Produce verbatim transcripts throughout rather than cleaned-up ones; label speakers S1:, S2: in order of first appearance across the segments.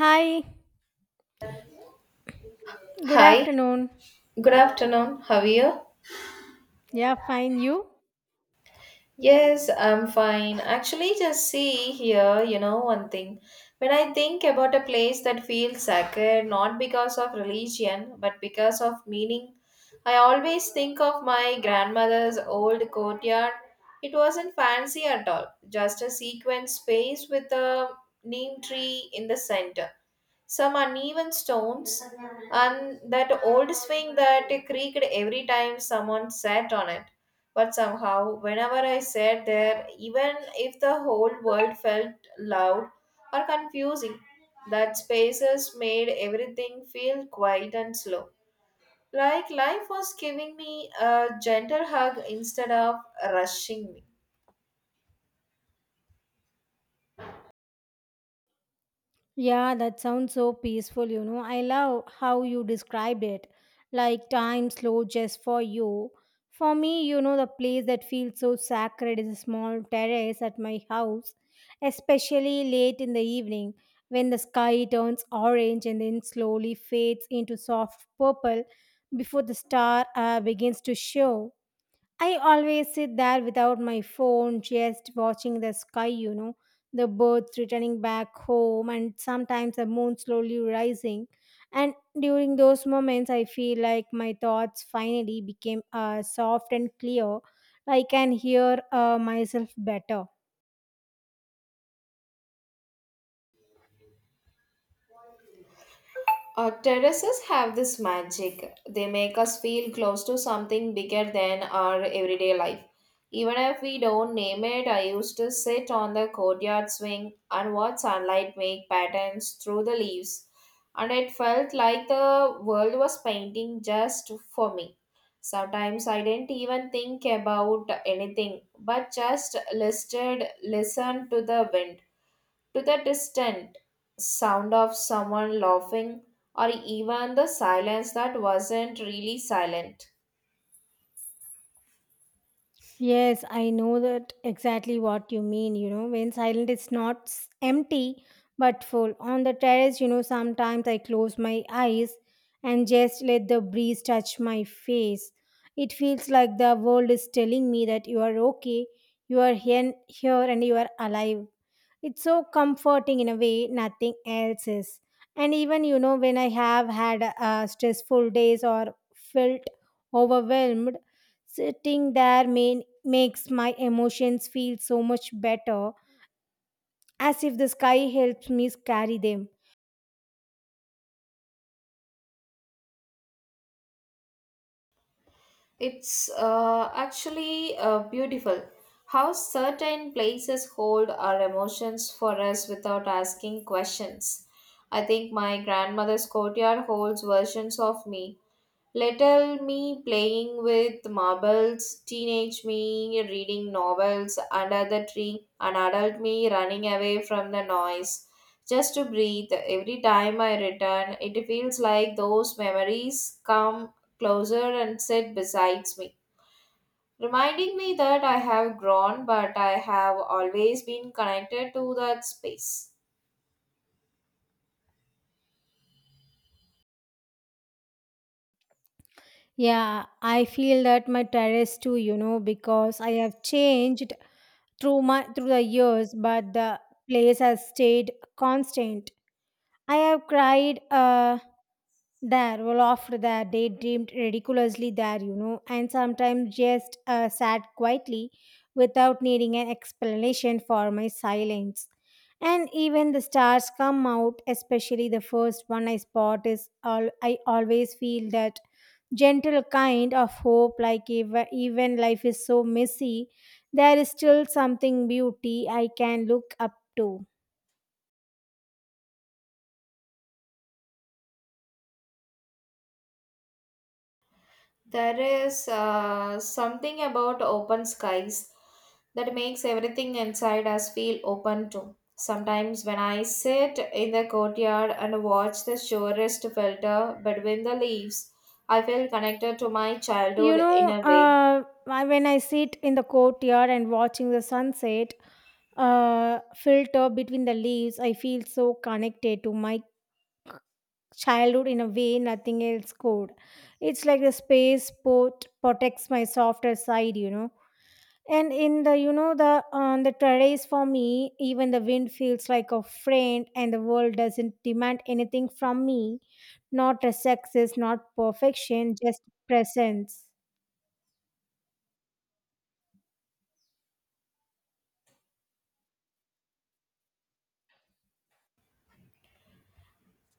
S1: Hi, good
S2: Hi,
S1: afternoon.
S2: good afternoon. How are you?
S1: Yeah, fine. You?
S2: Yes, I'm fine. Actually, just see here, you know, one thing. When I think about a place that feels sacred, not because of religion, but because of meaning, I always think of my grandmother's old courtyard. It wasn't fancy at all, just a sequenced space with a neem tree in the center, some uneven stones, and that old swing that creaked every time someone sat on it. But somehow, whenever I sat there, even if the whole world felt loud or confusing, that spaces made everything feel quiet and slow. Like life was giving me a gentle hug instead of rushing me.
S1: Yeah, that sounds so peaceful, you know. I love how you described it. Like time slow just for you. For me, you know, the place that feels so sacred is a small terrace at my house, especially late in the evening when the sky turns orange and then slowly fades into soft purple before the star uh, begins to show. I always sit there without my phone, just watching the sky, you know, the birds returning back home, and sometimes the moon slowly rising. And during those moments, I feel like my thoughts finally became uh, soft and clear. I can hear uh, myself better.
S2: Uh, terraces have this magic. They make us feel close to something bigger than our everyday life. Even if we don't name it, I used to sit on the courtyard swing and watch sunlight make patterns through the leaves. And it felt like the world was painting just for me. Sometimes I didn't even think about anything, but just listed, listened to the wind, to the distant sound of someone laughing, or even the silence that wasn't really silent.
S1: Yes, I know that exactly what you mean. You know, when silent is not s- empty but full. On the terrace, you know, sometimes I close my eyes and just let the breeze touch my face. It feels like the world is telling me that you are okay, you are here, here and you are alive. It's so comforting in a way nothing else is. And even, you know, when I have had uh, stressful days or felt overwhelmed, sitting there main, makes my emotions feel so much better, as if the sky helps me carry them.
S2: It's uh, actually uh, beautiful how certain places hold our emotions for us without asking questions. I think my grandmother's courtyard holds versions of me. Little me playing with marbles, teenage me reading novels under the tree, and adult me running away from the noise just to breathe. Every time I return, it feels like those memories come closer and sit beside me, reminding me that I have grown but I have always been connected to that space.
S1: Yeah, I feel that my terrace too, you know, because I have changed through my through the years, but the place has stayed constant. I have cried uh, there, well, laughed there, daydreamed ridiculously there, you know, and sometimes just uh, sat quietly without needing an explanation for my silence. And even the stars come out, especially the first one I spot is all I always feel that gentle kind of hope, like ev- even life is so messy, there is still something beauty I can look up to.
S2: There is uh, something about open skies that makes everything inside us feel open too. Sometimes when I sit in the courtyard and watch the surest filter between the leaves, I feel connected to my childhood
S1: You know,
S2: in a way.
S1: uh, I- when I sit in the courtyard and watching the sunset uh, filter between the leaves, I feel so connected to my childhood in a way nothing else could. It's like the space port protects my softer side, you know. And in the, you know, the on the terrace for me, even the wind feels like a friend, and the world doesn't demand anything from me, not a success, not perfection, just presence.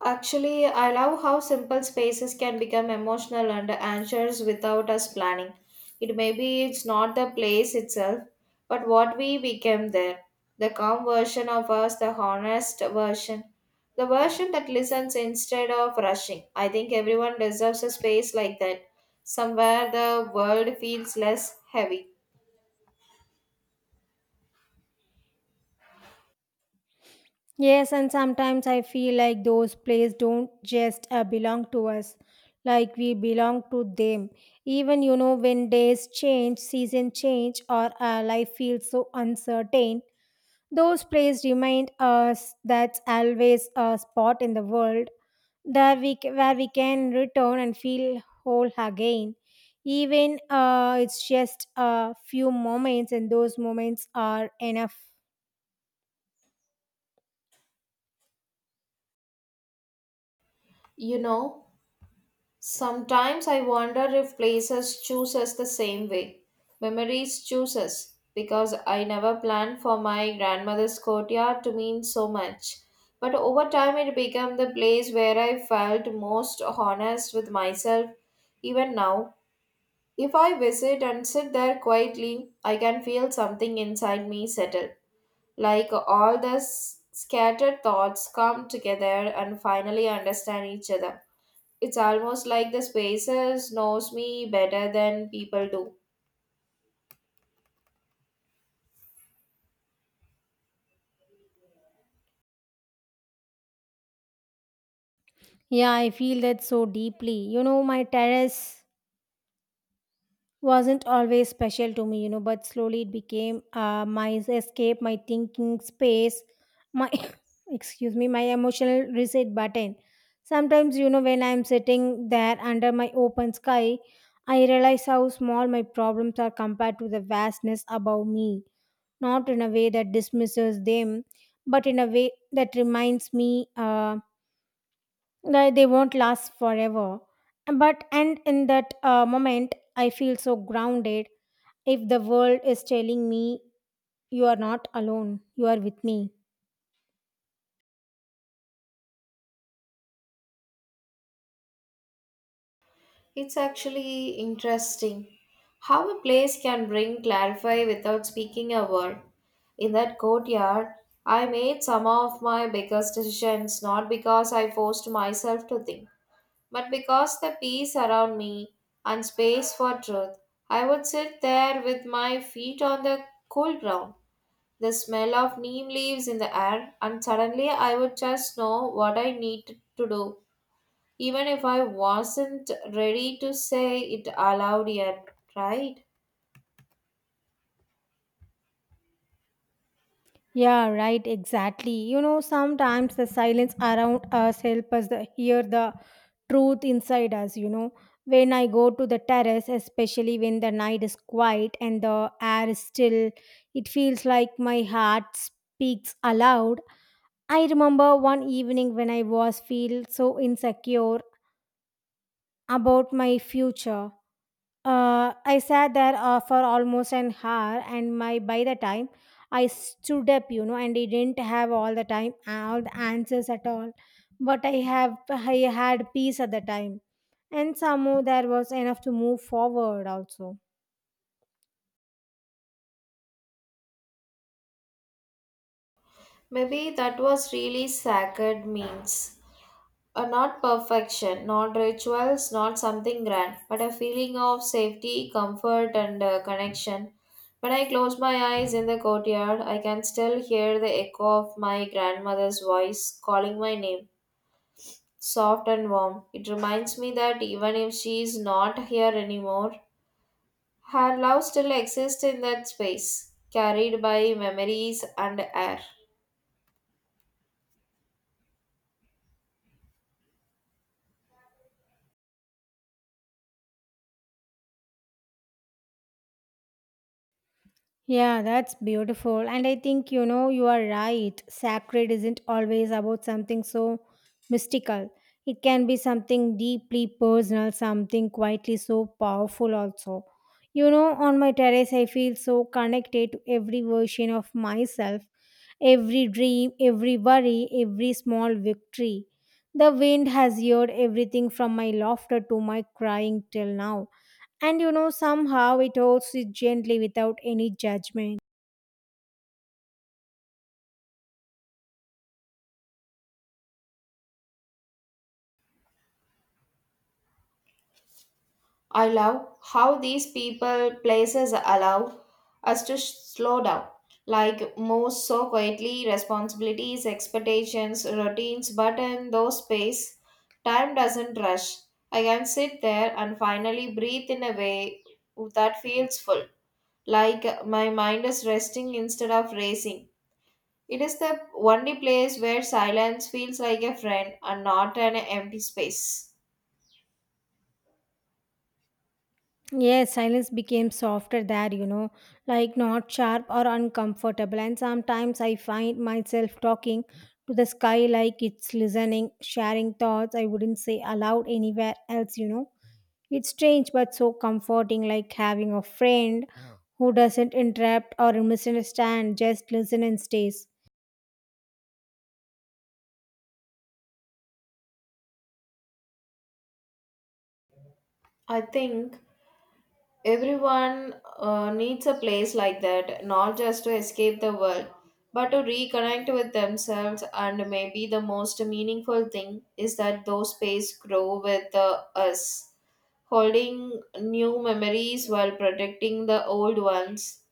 S2: Actually, I love how simple spaces can become emotional and answers without us planning. It may be it's not the place itself, but what we became there. The calm version of us, the honest version, the version that listens instead of rushing. I think everyone deserves a space like that, somewhere the world feels less heavy.
S1: Yes, and sometimes I feel like those plays don't just uh, belong to us, like we belong to them. Even you know, when days change, season change, or uh, life feels so uncertain, those plays remind us that's always a spot in the world that we c- where we can return and feel whole again. Even uh, it's just a few moments, and those moments are enough.
S2: You know, sometimes I wonder if places choose us the same way. Memories choose us because I never planned for my grandmother's courtyard to mean so much. But over time, it became the place where I felt most honest with myself. Even now, if I visit and sit there quietly, I can feel something inside me settle. Like all the s- scattered thoughts come together and finally understand each other. It's almost like the spaces knows me better than people do.
S1: Yeah, I feel that so deeply. You know, my terrace wasn't always special to me, you know, but slowly it became uh, my escape, my thinking space, my excuse me, my emotional reset button. Sometimes, you know, when I'm sitting there under my open sky, I realize how small my problems are compared to the vastness above me. Not in a way that dismisses them, but in a way that reminds me. Uh, they they won't last forever, but and in that uh, moment I feel so grounded, if the world is telling me: you are not alone, you are with me.
S2: It's actually interesting how a place can bring clarify without speaking a word. In that courtyard, I made some of my biggest decisions not because I forced myself to think, but because the peace around me and space for truth. I would sit there with my feet on the cool ground, the smell of neem leaves in the air, and suddenly I would just know what I needed to do, even if I wasn't ready to say it aloud yet, right?
S1: Yeah, right, exactly. You know sometimes the silence around us help us the, hear the truth inside us you know When I go to the terrace, especially when the night is quiet and the air is still, it feels like my heart speaks aloud. I remember one evening when I was feel so insecure about my future. Uh, I sat there uh, for almost an hour, and my by the time I stood up, you know, and I didn't have all the time all the answers at all, but I have I had peace at the time, and somehow there was enough to move forward also.
S2: Maybe that was really sacred means. Uh, not perfection, not rituals, not something grand, but a feeling of safety, comfort, and uh, connection. When I close my eyes in the courtyard, I can still hear the echo of my grandmother's voice calling my name, soft and warm. It reminds me that even if she is not here anymore, her love still exists in that space, carried by memories and air.
S1: Yeah, that's beautiful. And I think, you know, you are right. Sacred isn't always about something so mystical, it can be something deeply personal, something quietly so powerful, also. You know, on my terrace, I feel so connected to every version of myself, every dream, every worry, every small victory. The wind has heard everything from my laughter to my crying till now. And you know, somehow it holds it gently without any judgment.
S2: I love how these people, places allow us to sh- slow down, like move so quietly, responsibilities, expectations, routines, but in those space, time doesn't rush. I can sit there and finally breathe in a way that feels full, like uh, my mind is resting instead of racing. It is the only place where silence feels like a friend and not an empty space.
S1: Yes, silence became softer there, you know, like not sharp or uncomfortable. And sometimes I find myself talking to the sky like it's listening, sharing thoughts I wouldn't say aloud anywhere else, you know. It's strange but so comforting, like having a friend who doesn't interrupt or misunderstand, just listen and stays.
S2: I think everyone uh, needs a place like that, not just to escape the world, but to reconnect with themselves. And maybe the most meaningful thing is that those spaces grow with uh, us, holding new memories while protecting the old ones.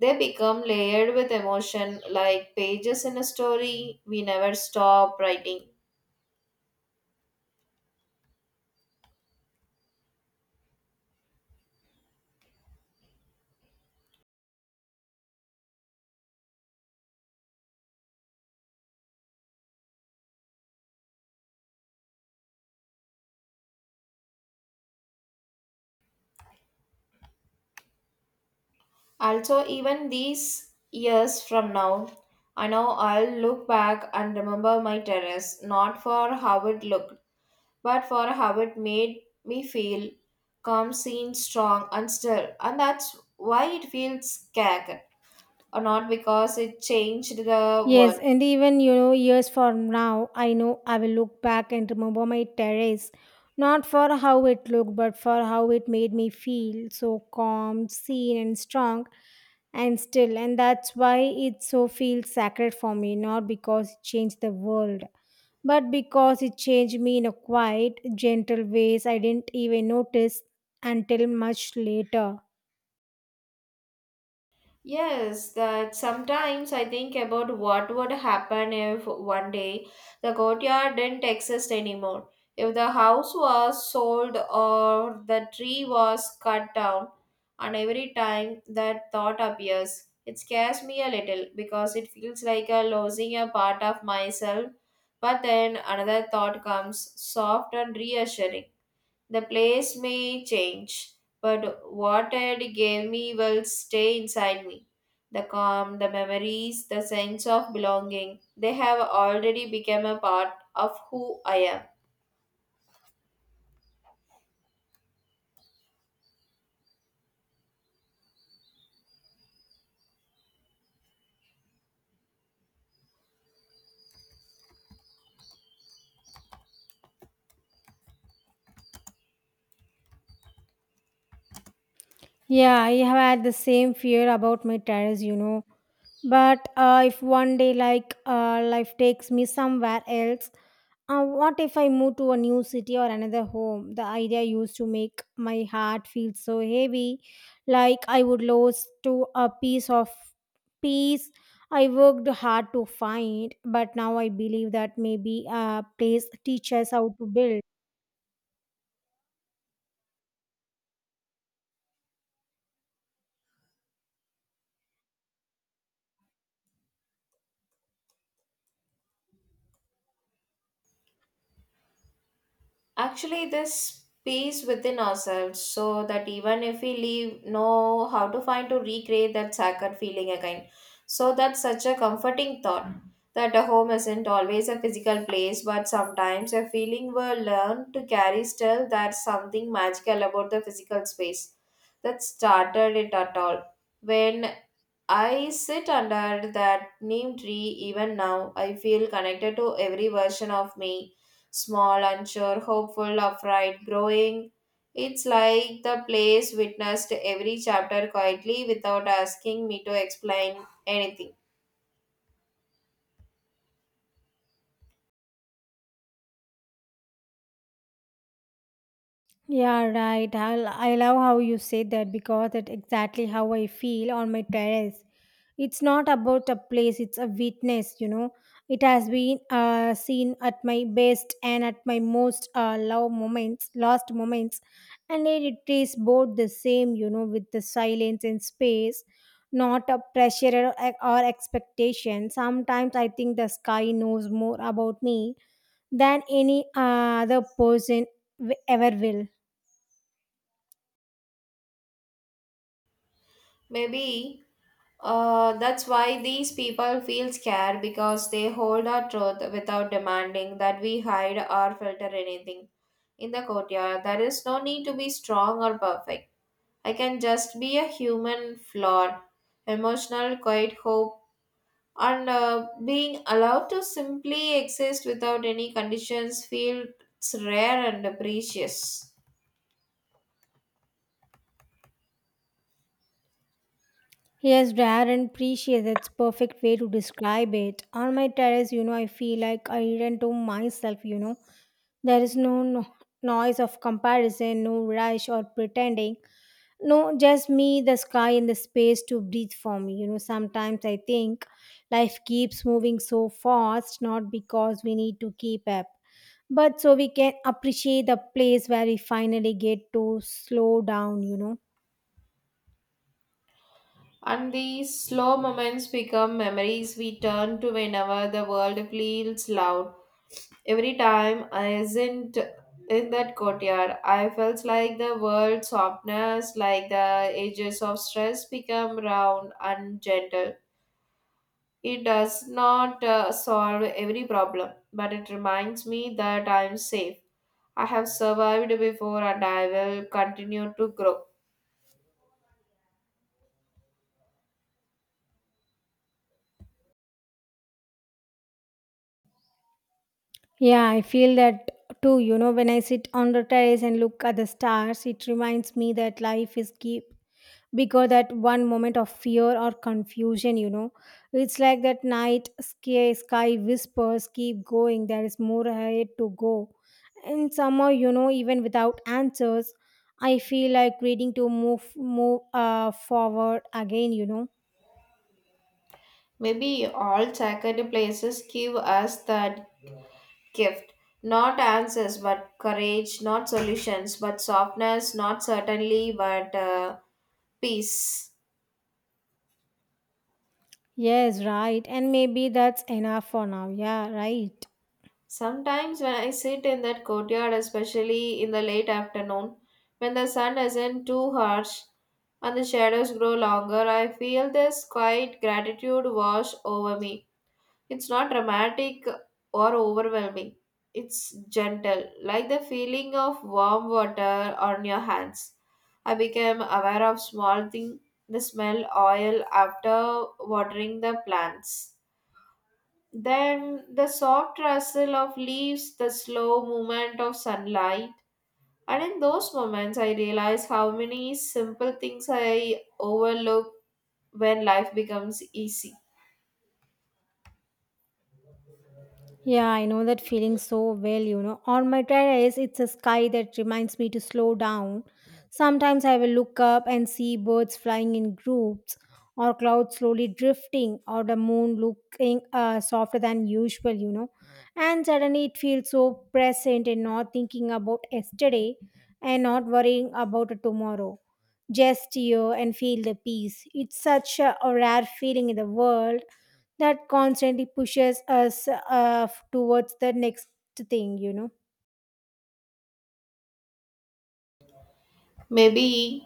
S2: They become layered with emotion like pages in a story we never stop writing. Also, even these years from now, I know I'll look back and remember my terrace, not for how it looked, but for how it made me feel calm, seen, strong, and still. And that's why it feels scared, or not because it changed the world.
S1: Yes, and even you know, years from now, I know I will look back and remember my terrace, not for how it looked, but for how it made me feel so calm, seen, and strong, and still. And that's why it so feels sacred for me, not because it changed the world, but because it changed me in a quiet, gentle ways I didn't even notice until much later.
S2: Yes, that sometimes I think about what would happen if one day the courtyard didn't exist anymore. If the house was sold or the tree was cut down, and every time that thought appears, it scares me a little because it feels like a losing a part of myself. But then another thought comes, soft and reassuring, the place may change, but what it gave me will stay inside me. The calm, the memories, the sense of belonging, they have already become a part of who I am.
S1: Yeah, I have had the same fear about my terrace, you know But uh, if one day, like, uh, life takes me somewhere else, uh, what if I move to a new city or another home? The idea used to make my heart feel so heavy, like I would lose to a piece of peace I worked hard to find. But now I believe that maybe a place teaches how to build.
S2: Actually, this peace within ourselves so that even if we leave, know how to find, to recreate that sacred feeling again. So that's such a comforting thought, that a home isn't always a physical place but sometimes a feeling we learn to carry. Still, there's something magical about the physical space that started it at all. When I sit under that neem tree even now, I feel connected to every version of me, small, unsure, hopeful, afraid, growing. It's like the place witnessed every chapter quietly without asking me to explain anything.
S1: Yeah, right. I, I love how you say that because that's exactly how I feel on my terrace. It's not about a place, it's a witness you know It has been uh, seen at my best and at my most uh, low moments lost moments, and it it is both the same, you know with the silence and space, not a pressure or, or expectation. Sometimes I think the sky knows more about me than any uh, other person w- ever will.
S2: Maybe uh, that's why these people feel scared because they hold our truth without demanding that we hide or filter anything. In the courtyard, there is no need to be strong or perfect. I can just be a human flaw, emotional, quiet hope, and uh, being allowed to simply exist without any conditions feels rare and precious.
S1: Yes, rare and precious. That's perfect way to describe it. On my terrace, you know, I feel like I return to myself. You know, there is no, no noise of comparison, no rush or pretending. No, just me, the sky, and the space to breathe for me. You know, sometimes I think life keeps moving so fast, not because we need to keep up, but so we can appreciate the place where we finally get to slow down. You know.
S2: And these slow moments become memories we turn to whenever the world feels loud. Every time I isn't in that courtyard, I felt like the world's softness, like the edges of stress become round and gentle. It does not uh, solve every problem, but it reminds me that I am safe. I have survived before and I will continue to grow.
S1: Yeah, I feel that too. You know, when I sit on the terrace and look at the stars, it reminds me that life is keep bigger that one moment of fear or confusion, you know. It's like that night sky sky whispers, keep going, there is more ahead to go. And somehow, you know, even without answers, I feel like reading to move move uh forward again, you know.
S2: Maybe all sacred places give us that gift. Not answers, but courage, not solutions, but softness, not certainly, but uh, peace.
S1: Yes, right. And maybe that's enough for now. Yeah, right.
S2: Sometimes when I sit in that courtyard, especially in the late afternoon, when the sun isn't too harsh and the shadows grow longer, I feel this quiet gratitude wash over me. It's not dramatic or overwhelming. It's gentle, like the feeling of warm water on your hands. I became aware of small thing, the smell oil after watering the plants, then the soft rustle of leaves, the slow movement of sunlight. And in those moments, I realize how many simple things I overlook when life becomes easy.
S1: Yeah, I know that feeling so well, you know. On my terrace, it's a sky that reminds me to slow down. Sometimes I will look up and see birds flying in groups, or clouds slowly drifting, or the moon looking uh, softer than usual, you know. And suddenly it feels so present and not thinking about yesterday and not worrying about tomorrow. Just here and feel the peace. It's such a a rare feeling in the world that constantly pushes us uh, towards the next thing, you know.
S2: Maybe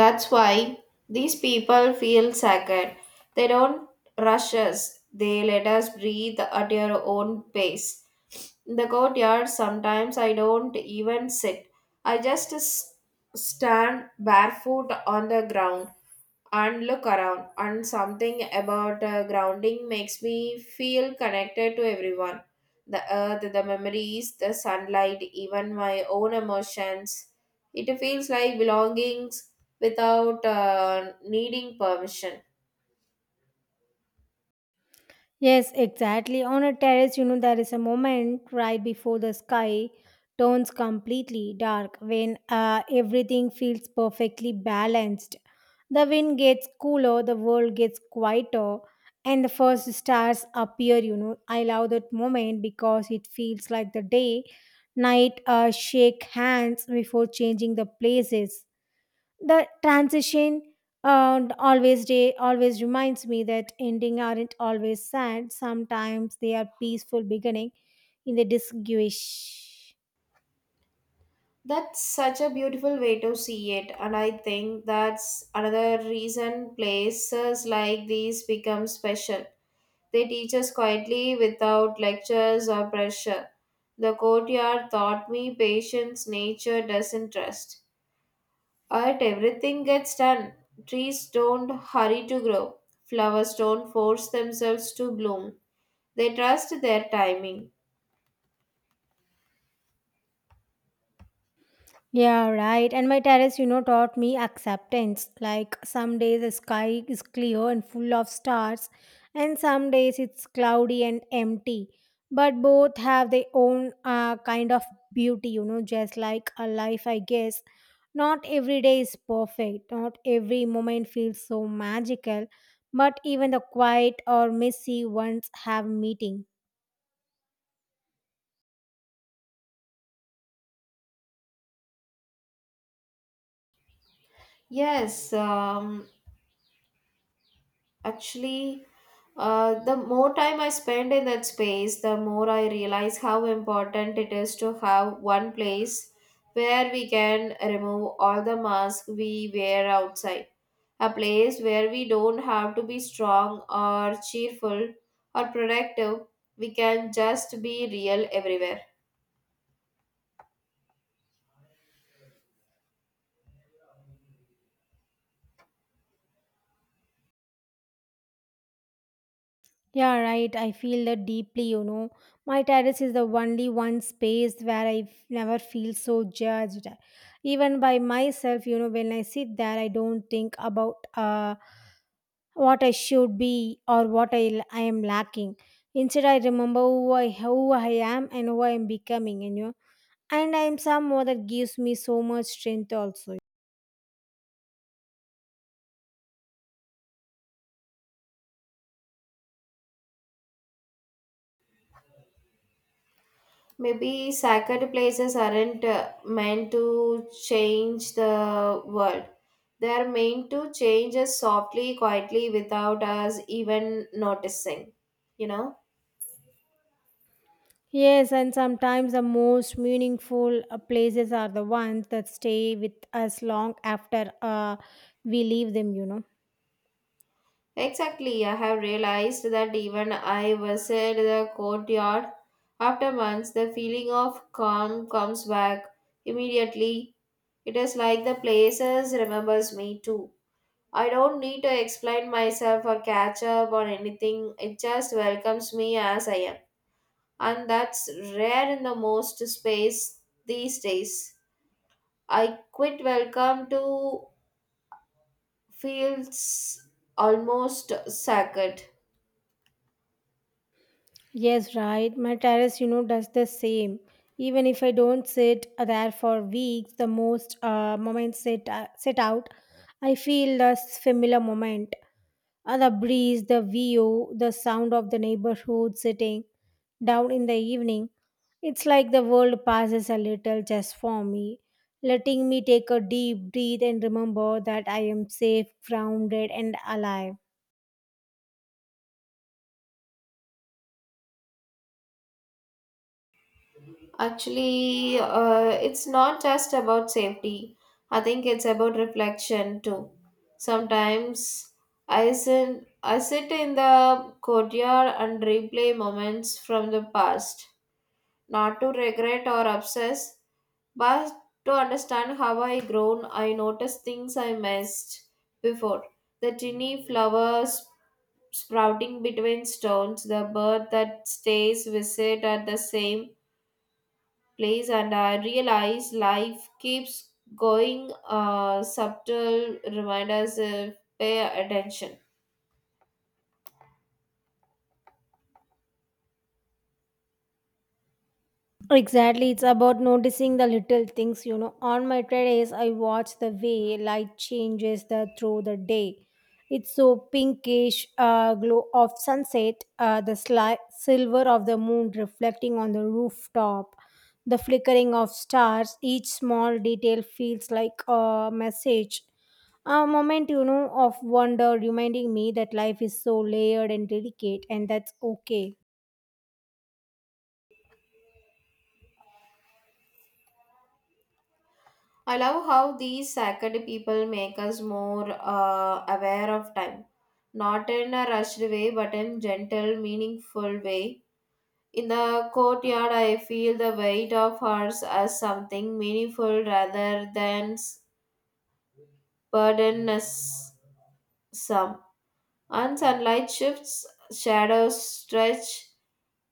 S2: that's why these people feel sacred. They don't rush us, they let us breathe at your own pace. In the courtyard, sometimes I don't even sit. I just s- stand barefoot on the ground and look around. And something about uh, grounding makes me feel connected to everyone, the earth, the memories, the sunlight, even my own emotions. It feels like belongings without uh, needing permission.
S1: Yes, exactly. On a terrace, you know, there is a moment right before the sky turns completely dark when uh, everything feels perfectly balanced. The wind gets cooler, the world gets quieter, and the first stars appear. You know, I love that moment because it feels like the day, night uh, shake hands before changing the places. The transition uh, always day always reminds me that ending aren't always sad. Sometimes they are peaceful beginning in the disguise.
S2: That's such a beautiful way to see it, and I think that's another reason places like these become special. They teach us quietly without lectures or pressure. The courtyard taught me patience. Nature doesn't trust. Art, everything gets done. Trees don't hurry to grow. Flowers don't force themselves to bloom. They trust their timing.
S1: Yeah, right. And my terrace, you know, taught me acceptance. Like some days the sky is clear and full of stars, and some days it's cloudy and empty. But both have their own uh, kind of beauty, you know, just like a life, I guess. Not every day is perfect, not every moment feels so magical, but even the quiet or messy ones have meaning.
S2: Yes, um, actually, uh, the more time I spend in that space, the more I realize how important it is to have one place where we can remove all the masks we wear outside. A place where we don't have to be strong or cheerful or productive. We can just be real everywhere.
S1: Yeah, right. I feel that deeply, you know. My terrace is the only one space where I f- never feel so judged. Even by myself, you know, when I sit there, I don't think about uh, what I should be or what I, l- I am lacking. Instead, I remember who I, who I am and who I am becoming, and you know. And I am someone that gives me so much strength also.
S2: Maybe sacred places aren't uh, meant to change the world. They are meant to change us softly, quietly, without us even noticing. You know?
S1: Yes, and sometimes the most meaningful uh, places are the ones that stay with us long after uh, we leave them, you know.
S2: Exactly. I have realized that even I visit the courtyard after months, the feeling of calm comes back immediately. It is like the places remembers me too. I don't need to explain myself or catch up or anything. It just welcomes me as I am. And that's rare in the most space these days. I quit welcome to feels almost sacred.
S1: Yes, right. My terrace, you know, does the same. Even if I don't sit uh, there for weeks, the most uh, moments sit, uh, sit out, I feel the familiar moment. Uh, the breeze, the view, the sound of the neighborhood sitting down in the evening. It's like the world passes a little just for me, letting me take a deep breath and remember that I am safe, grounded, and alive.
S2: Actually, uh, it's not just about safety. I think it's about reflection too. Sometimes I sit, I sit in the courtyard and replay moments from the past, not to regret or obsess, but to understand how I grown. I noticed things I missed before. The tiny flowers sprouting between stones, the bird that stays visit at the same place, and I realize life keeps going. Uh, subtle reminders if pay attention.
S1: Exactly, it's about noticing the little things, you know. On my terrace, I watch the way light changes the through the day. It's so pinkish uh, glow of sunset, uh, the sli- silver of the moon reflecting on the rooftop, the flickering of stars. Each small detail feels like a message, a moment, you know, of wonder, reminding me that life is so layered and delicate, and that's okay.
S2: I love how these sacred people make us more uh, aware of time, not in a rushed way, but in gentle, meaningful way. In the courtyard, I feel the weight of ours as something meaningful rather than s- burdensome. And sunlight shifts, shadows stretch,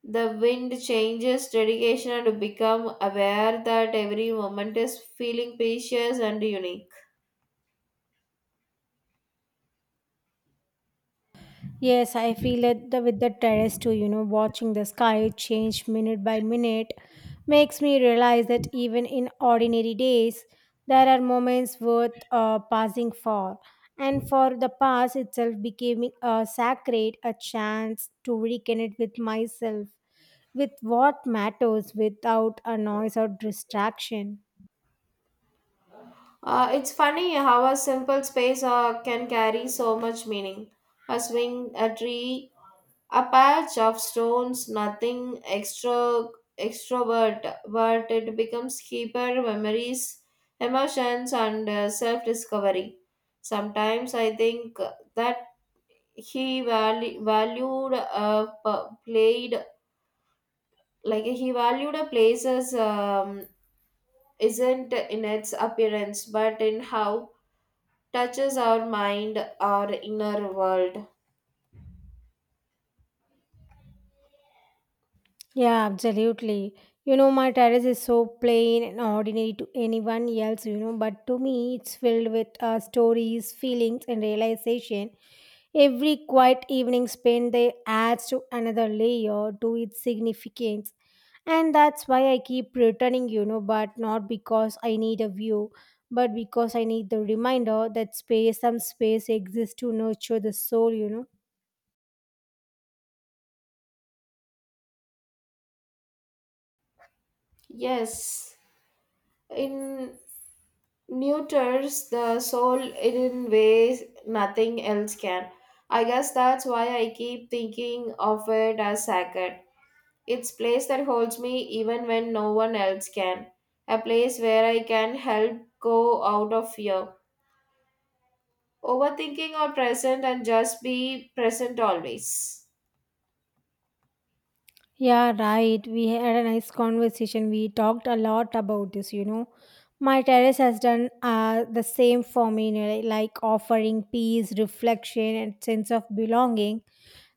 S2: the wind changes dedication and to become aware that every moment is feeling precious and unique.
S1: Yes, I feel it the, with the terrace too, you know, watching the sky change minute by minute makes me realize that even in ordinary days, there are moments worth uh, passing for. And for the past itself became a sacred, a chance to reconnect with myself, with what matters without a noise or distraction.
S2: Uh, it's funny how a simple space uh, can carry so much meaning. A swing, a tree, a patch of stones, nothing extra extrovert, but it becomes keeper memories, emotions, and uh, self-discovery. Sometimes I think that he valu- valued uh, p- played like he valued a place's um, isn't in its appearance, but in how touches our mind, our inner world.
S1: Yeah, absolutely. You know, my terrace is so plain and ordinary to anyone else, you know, but to me, it's filled with uh, stories, feelings, and realization. Every quiet evening spent there adds to another layer to its significance. And that's why I keep returning, you know, but not because I need a view, but because I need the reminder that space, some space exists to nurture the soul, you know.
S2: Yes, in neuters the soul in ways nothing else can. I guess that's why I keep thinking of it as sacred. It's place that holds me even when no one else can. A place where I can help go out of fear, overthinking or present and just be present always.
S1: Yeah, right. We had a nice conversation. We talked a lot about this, you know. My terrace has done uh, the same for me, you know, like offering peace, reflection, and sense of belonging.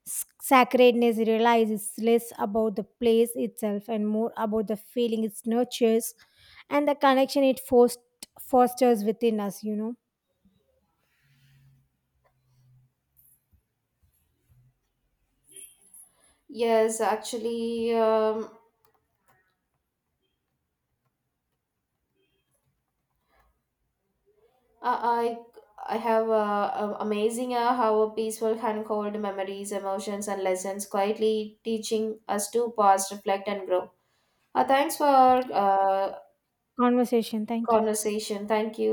S1: S- Sacredness realizes less about the place itself and more about the feeling it nurtures and the connection it fost- fosters within us, you know.
S2: Yes, actually, um, Uh, I I have uh, uh, amazing uh, how a peaceful and cold memories, emotions, and lessons quietly teaching us to pause, reflect, and grow. Uh, thanks for uh,
S1: Conversation. Thank you.
S2: conversation. Thank you.